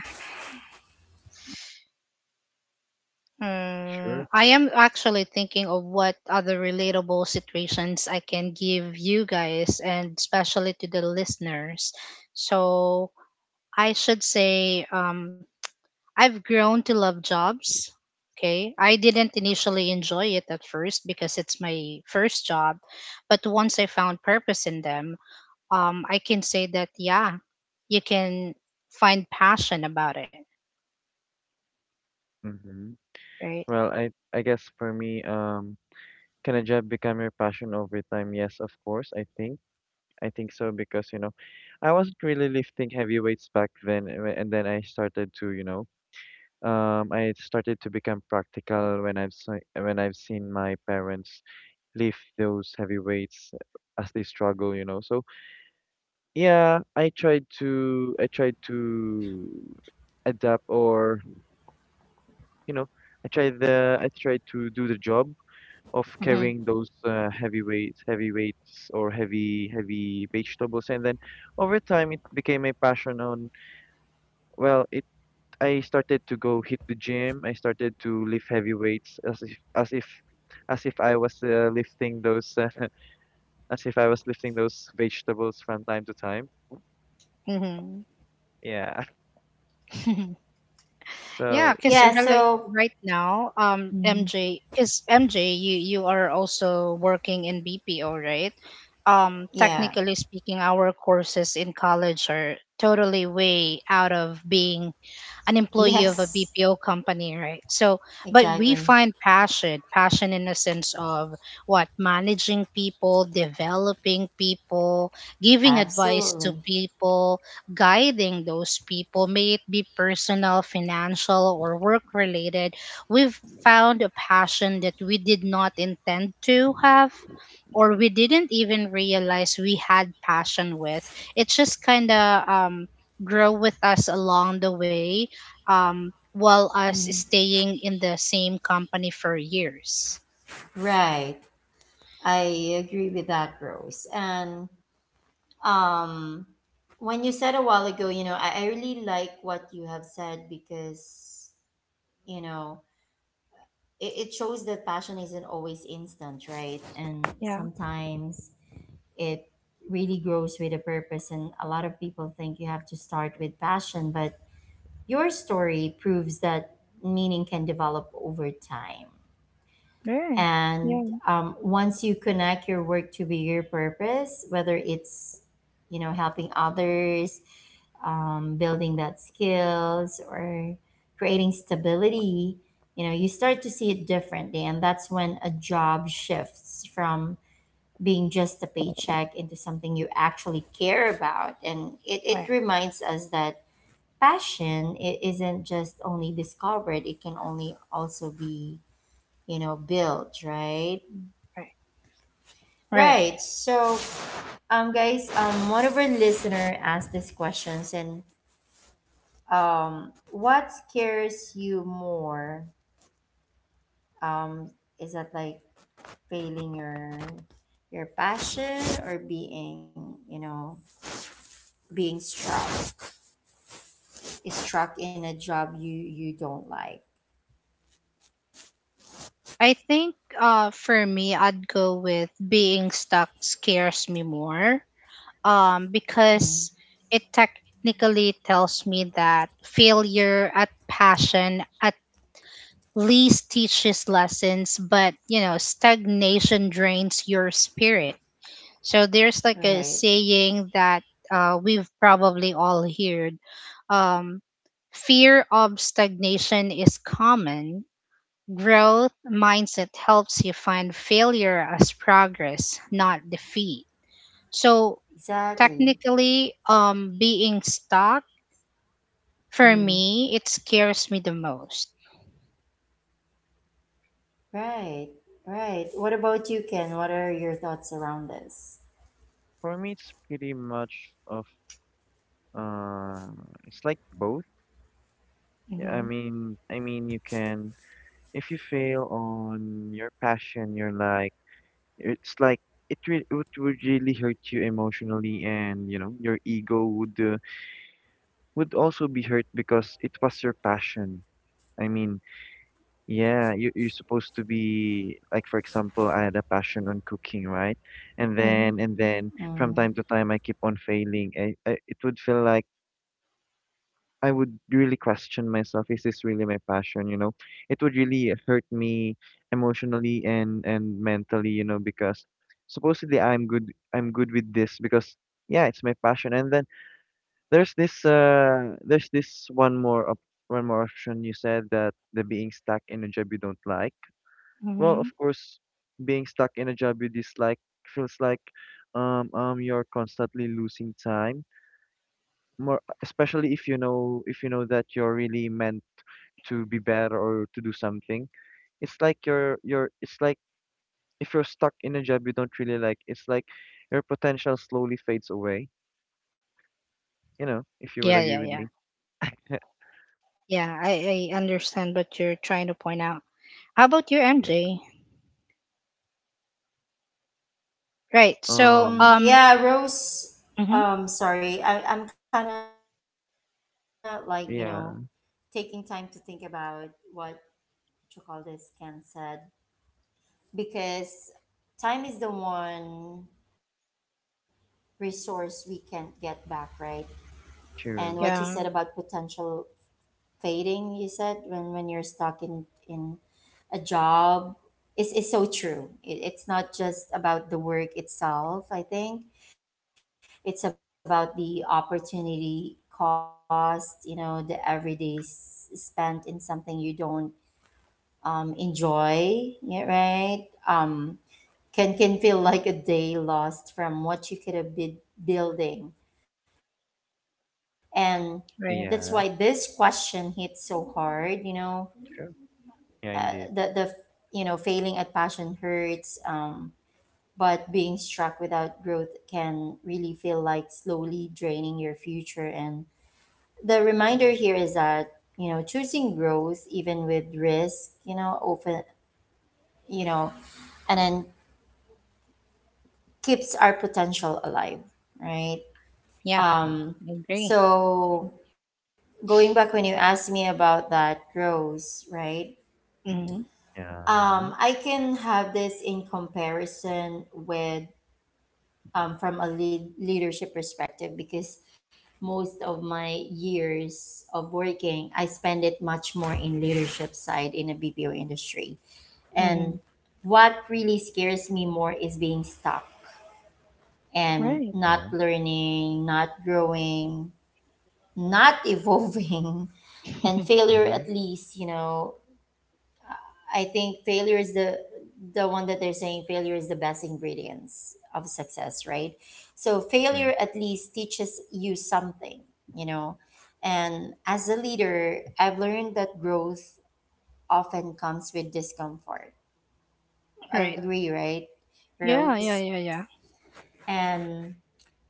mm,
sure.
I am actually thinking of what other relatable situations I can give you guys and especially to the listeners. So I should say um, I've grown to love jobs. Okay. I didn't initially enjoy it at first because it's my first job. But once I found purpose in them, um, I can say that, yeah, you can find passion about it.
Mm-hmm.
Right.
Well, I I guess for me, um, can a job become your passion over time? Yes, of course. I think I think so because you know, I wasn't really lifting heavy weights back then, and when- and then I started to you know, um, I started to become practical when I've se- when I've seen my parents lift those heavy weights uh, as they struggle, you know. So yeah, I tried to I tried to adapt or you know I tried the I tried to do the job of
Mm-hmm.
carrying those uh, heavy weights, heavy weights, or heavy heavy vegetables, and then over time it became a passion. On well, it I started to go hit the gym. I started to lift heavy weights as if as if as if I was uh, lifting those. Uh, as if I was lifting those vegetables from time to time.
Mm-hmm.
Yeah.
Yeah,
So
because
Yeah,
like
so.
right now, um,
Mm,
M J, because M J, you you are also working in B P O, right? Um,
yeah.
technically speaking, our courses in college are totally way out of being an employee of a
Yes,
B P O company, right? So, but we
exactly.
find passion, passion in the sense of what managing people, developing people, giving advice to
Absolutely.
people, guiding those people, may it be personal, financial, or work related, we've found a passion that we did not intend to have or we didn't even realize we had passion with. It just kind of um, grow with us along the way um, while us
Mm.
staying in the same company for years.
Right. I agree with that, Rose. And um, when you said a while ago, you know, I, I really like what you have said, because, you know, it, it shows that passion isn't always instant, right? And
Yeah.
sometimes it really grows with a purpose. And a lot of people think you have to start with passion, but your story proves that meaning can develop over time.
Yeah.
And
Yeah.
um, once you connect your work to bigger purpose, whether it's, you know, helping others, um, building that skills, or creating stability, you know, you start to see it differently, and that's when a job shifts from being just a paycheck into something you actually care about. And it, it
Right,
reminds us that passion, it isn't just only discovered, it can only also be, you know, built, right?
right, right.
Right. So, um, guys, um, one of our listener asked these questions, and um, what scares you more? Um, is that like failing your your passion, or being, you know, being struck struck in a job you you don't like?
I think uh, for me, I'd go with being stuck scares me more um, because
Mm,
it technically tells me that failure at passion at least teaches lessons, but you know, stagnation drains your spirit. So there's like a
right.
saying that uh, we've probably all heard, um, fear of stagnation is common. Growth mindset helps you find failure as progress, not defeat. So
Exactly.
technically, um, being stuck, for
Mm,
me, it scares me the most.
right. Right. What about you, Ken? What are your thoughts around this?
for me, it's pretty much of uh, it's like both. Yeah, I
Hmm.
mean, I mean, you can, if you fail on your passion, you're like, it's like, it, re- it would really hurt you emotionally, and you know your ego would uh, would also be hurt because it was your passion. I mean, yeah, you you're supposed to be like, for example, I had a passion on cooking, right? And
Hmm.
then and then from
Mm.
time to time I keep on failing. I, I, it would feel like I would really question myself, is this really my passion, you know? It would really hurt me emotionally and and mentally, you know, because supposedly I'm good I'm good with this because yeah, it's my passion. And then there's this uh there's this one more op one more option you said, that the being stuck in a job you don't like. Well, of
Hmm.
course, being stuck in a job you dislike feels like, um um you're constantly losing time. More especially if you know, if you know that you're really meant to be better or to do something. It's like you're you're it's like if you're stuck in a job you don't really like, it's like your potential slowly fades away, you know, if you would
Yeah,
agree
yeah,
with
yeah,
me.
yeah. I, I understand what you're trying to point out. How about your
Yeah,
M J? Right. So
Um
Um,
um.
yeah, Rose.
Hmm.
Um, sorry, I, I'm kind of like, you know, taking
yeah,
time to think about what you call this. Ken said, because time is the one resource we can't get back, right?
true.
Yeah.
And what you said about potential fading, you said when when you're stuck in in a job is is so true. It, it's not just about the work itself. I think it's about the opportunity cost. You know, the everyday s- spent in something you don't um, enjoy. Yeah, right. Um, can can feel like a day lost from what you could have been building, and that's why this
Right.
question
Yeah,
hits so hard. You know, uh,
true.
the the
Yeah,
you
indeed.
know failing at passion hurts. Um, but being struck without growth can really feel like slowly draining your future, and the reminder here is that, you know, choosing growth, even with risk, you know, often, you know, and then keeps our potential alive, right?
Yeah.
um
I agree.
so going back when you asked me about that growth, right,
Hmm.
um I
Yeah,
can have this in comparison with, um, from a lead- leadership perspective, because most of my years of working I spend it much more in leadership side in a BPO industry. And
Hmm.
what really scares me more is being stuck and
Right.
not
yeah,
learning, not growing, not evolving. And failure,
mm-hmm,
at least, you know, I think failure is the the one that they're saying failure is the best ingredients of success, right? So
yeah,
failure at least teaches you something, you know. And as a leader, I've learned that growth often comes with discomfort.
Right.
Agree, right,
Yeah. Yeah. Yeah.
Rose?
Yeah.
And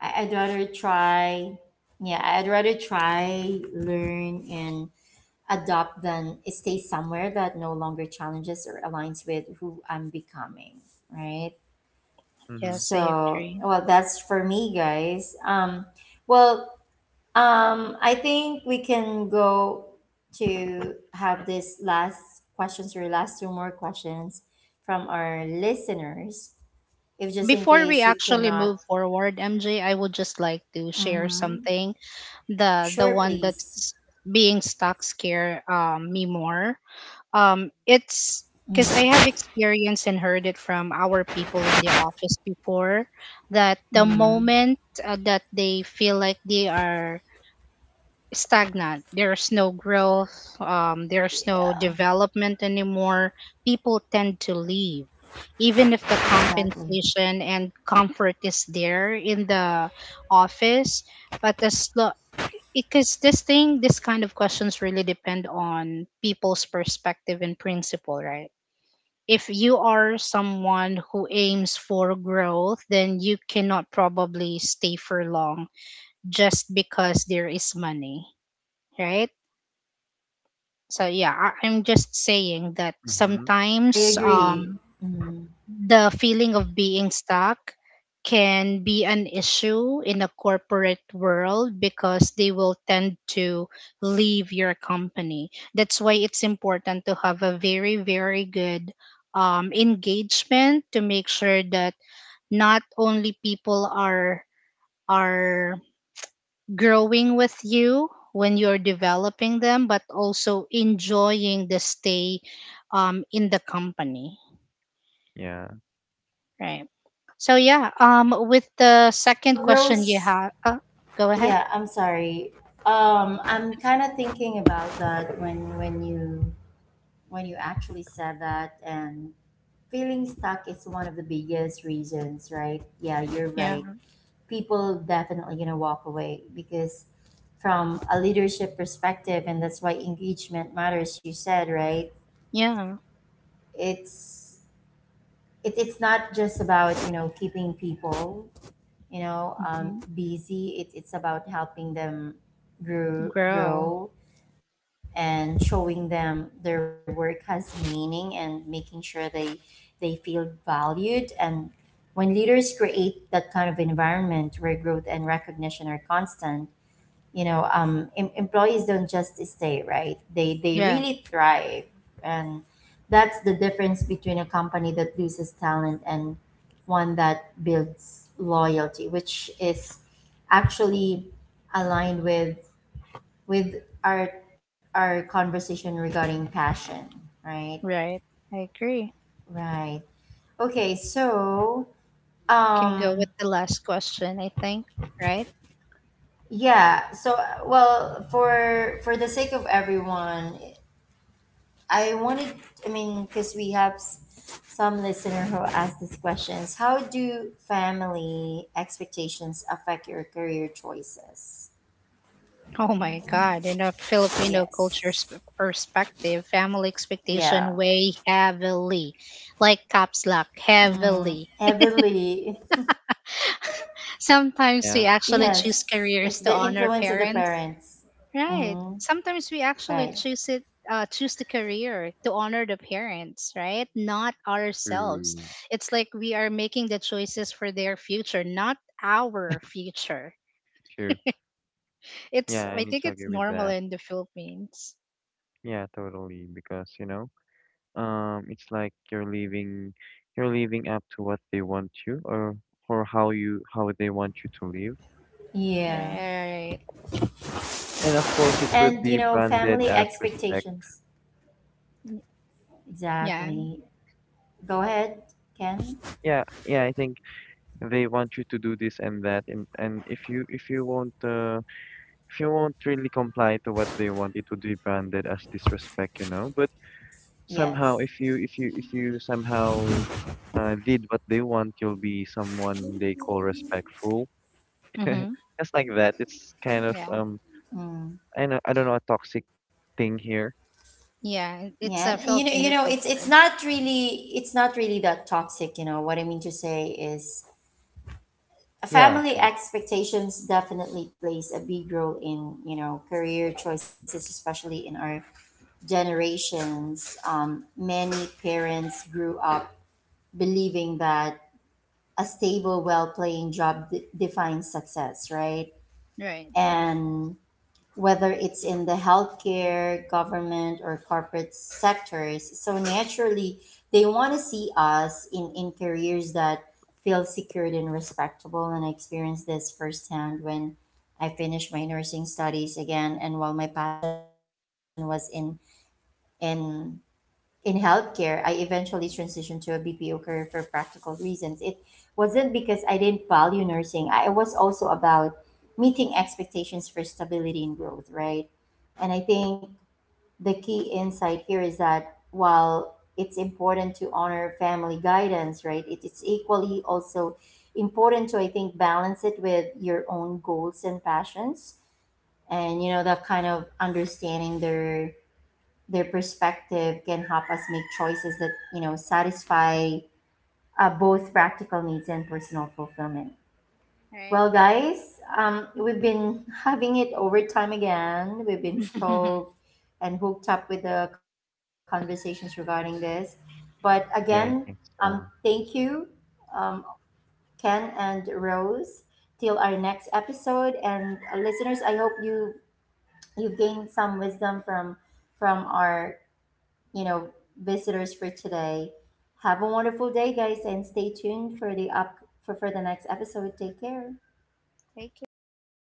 I- I'd rather try, yeah, I'd rather try, learn, and adopt than stay somewhere that no longer challenges or aligns with who I'm becoming, right?
mm-hmm,
Yes, I
So,
agree.
well, that's for me, guys. Um, well, um, I think we can go to have this last questions or last two more questions from our listeners. If just in
Before we
case we
actually move
cannot,
forward, M J, I would just like to share
mm-hmm.
something. The the one
Sure,
that's
please.
being stuck scare um, me more. Um, it's because I have experienced and heard it from our people in the office before that the moment
Mm-hmm.
uh, that they feel like they are stagnant. There's no growth, um, there's no
Yeah,
development anymore. People tend to leave. Even if the compensation
exactly.
and comfort is there in the office, but as lo- because this thing, this kind of questions really depend on people's perspective and principle, right? If you are someone who aims for growth, then you cannot probably stay for long just because there is money, right? So yeah, I- I'm just saying that
mm-hmm,
I
sometimes
true.
um,
agree. Mhm.
the feeling of being stuck can be an issue in a corporate world because they will tend to leave your company. That's why it's important to have a very, very good um, engagement to make sure that not only people are are growing with you when you're developing them, but also enjoying the stay um, in the company,
Yeah,
right? So yeah, um, with the second
Well,
question you
Rose,
have, uh, go ahead.
yeah, I'm sorry. Um, I'm kind of thinking about that when when you when you actually said that, and feeling stuck is one of the biggest reasons, right? Yeah, you're
Yeah,
right. People definitely gonna walk away because, from a leadership perspective, and that's why engagement matters. You said right.
yeah,
It's it, it's not just about, you know, keeping people, you know, um,
hmm,
busy. It it's about helping them grow
grow.
grow and showing them their work has meaning, and making sure they they feel valued. And when leaders create that kind of environment where growth and recognition are constant, you know, um em- employees don't just stay, right, they they
Yeah,
really thrive. And that's the difference between a company that loses talent and one that builds loyalty, which is actually aligned with with our our conversation regarding passion, right?
right. I agree.
Right. Okay, so
Can go with
um
the last question, I think. Right?
yeah, so, well, for for the sake of everyone, I wanted, I mean, because we have s- some listener who asked these questions. How do family expectations affect your career choices?
Oh my God! In a Filipino culture's
Yes.
p- perspective, family
Yeah.
expectation weigh heavily, like caps lock,
Mm,
heavily.
heavily.
Sometimes
yeah,
we actually
Yes.
choose
It's the
careers to
influence of
honor
the
parents.
parents. Mm,
Right. Sometimes we
right.
actually choose it uh, choose the career to honor the parents, right? Not ourselves.
true,
It's like we are making the choices for their future, not our future.
true.
It's
Yeah, I
I
need
think
to
it's
agree with
normal
that.
in the Philippines.
Yeah, totally, because you know, um, it's like you're leaving, you're leaving up to what they want you, or or how you, how they want you to live,
Yeah.
Right.
and of course it would
Right.
And, you
be
know,
branded
family
as respect.
expectations.
Y- Yeah.
Exactly. Go ahead, Ken.
Yeah, yeah, I think they want you to do this and that, and and if you if you won't, uh, if you won't really comply to what they want, it would be branded as disrespect, you know. But somehow if
Yes.
you if you if you somehow uh, did what they want, you'll be someone they call respectful,
Mhm.
just like that. It's kind of,
Yeah.
um I
Mm.
know, I don't know, a toxic thing here.
Yeah, it's
Yeah,
a
you know, you
Filipino
know, it's it's
culture.
not really it's not really that toxic, you know. What I mean to say is
Yeah,
family
actually,
expectations definitely plays a big role in, you know, career choices, especially in our generations. Um, many parents grew up believing that a stable, well-paying job d- defines success, right?
Right.
And whether it's in the healthcare, government, or corporate sectors. So naturally, they want to see us in, in careers that feel secured and respectable. And I experienced this firsthand when I finished my nursing studies again. And while my passion was in in in healthcare, I eventually transitioned to a B P O career for practical reasons. It wasn't because I didn't value nursing. I it was also about meeting expectations for stability and growth, right? And I think the key insight here is that while it's important to honor family guidance, right, it, it's equally also important to, I think, balance it with your own goals and passions. And, you know, that kind of understanding their their perspective can help us make choices that, you know, satisfy uh, both practical needs and personal fulfillment.
Right.
Well, guys, um, we've been having it over time again. We've been stoked and hooked up with the conversations regarding this. But again,
yeah, I
um,
think so.
thank you, um, Ken and Rose. Till our next episode, and uh, listeners, I hope you you gained some wisdom from from our, you know, visitors for today. Have a wonderful day, guys, and stay tuned for the up for, for the next episode. Take care.
Take care. Thank
All
you.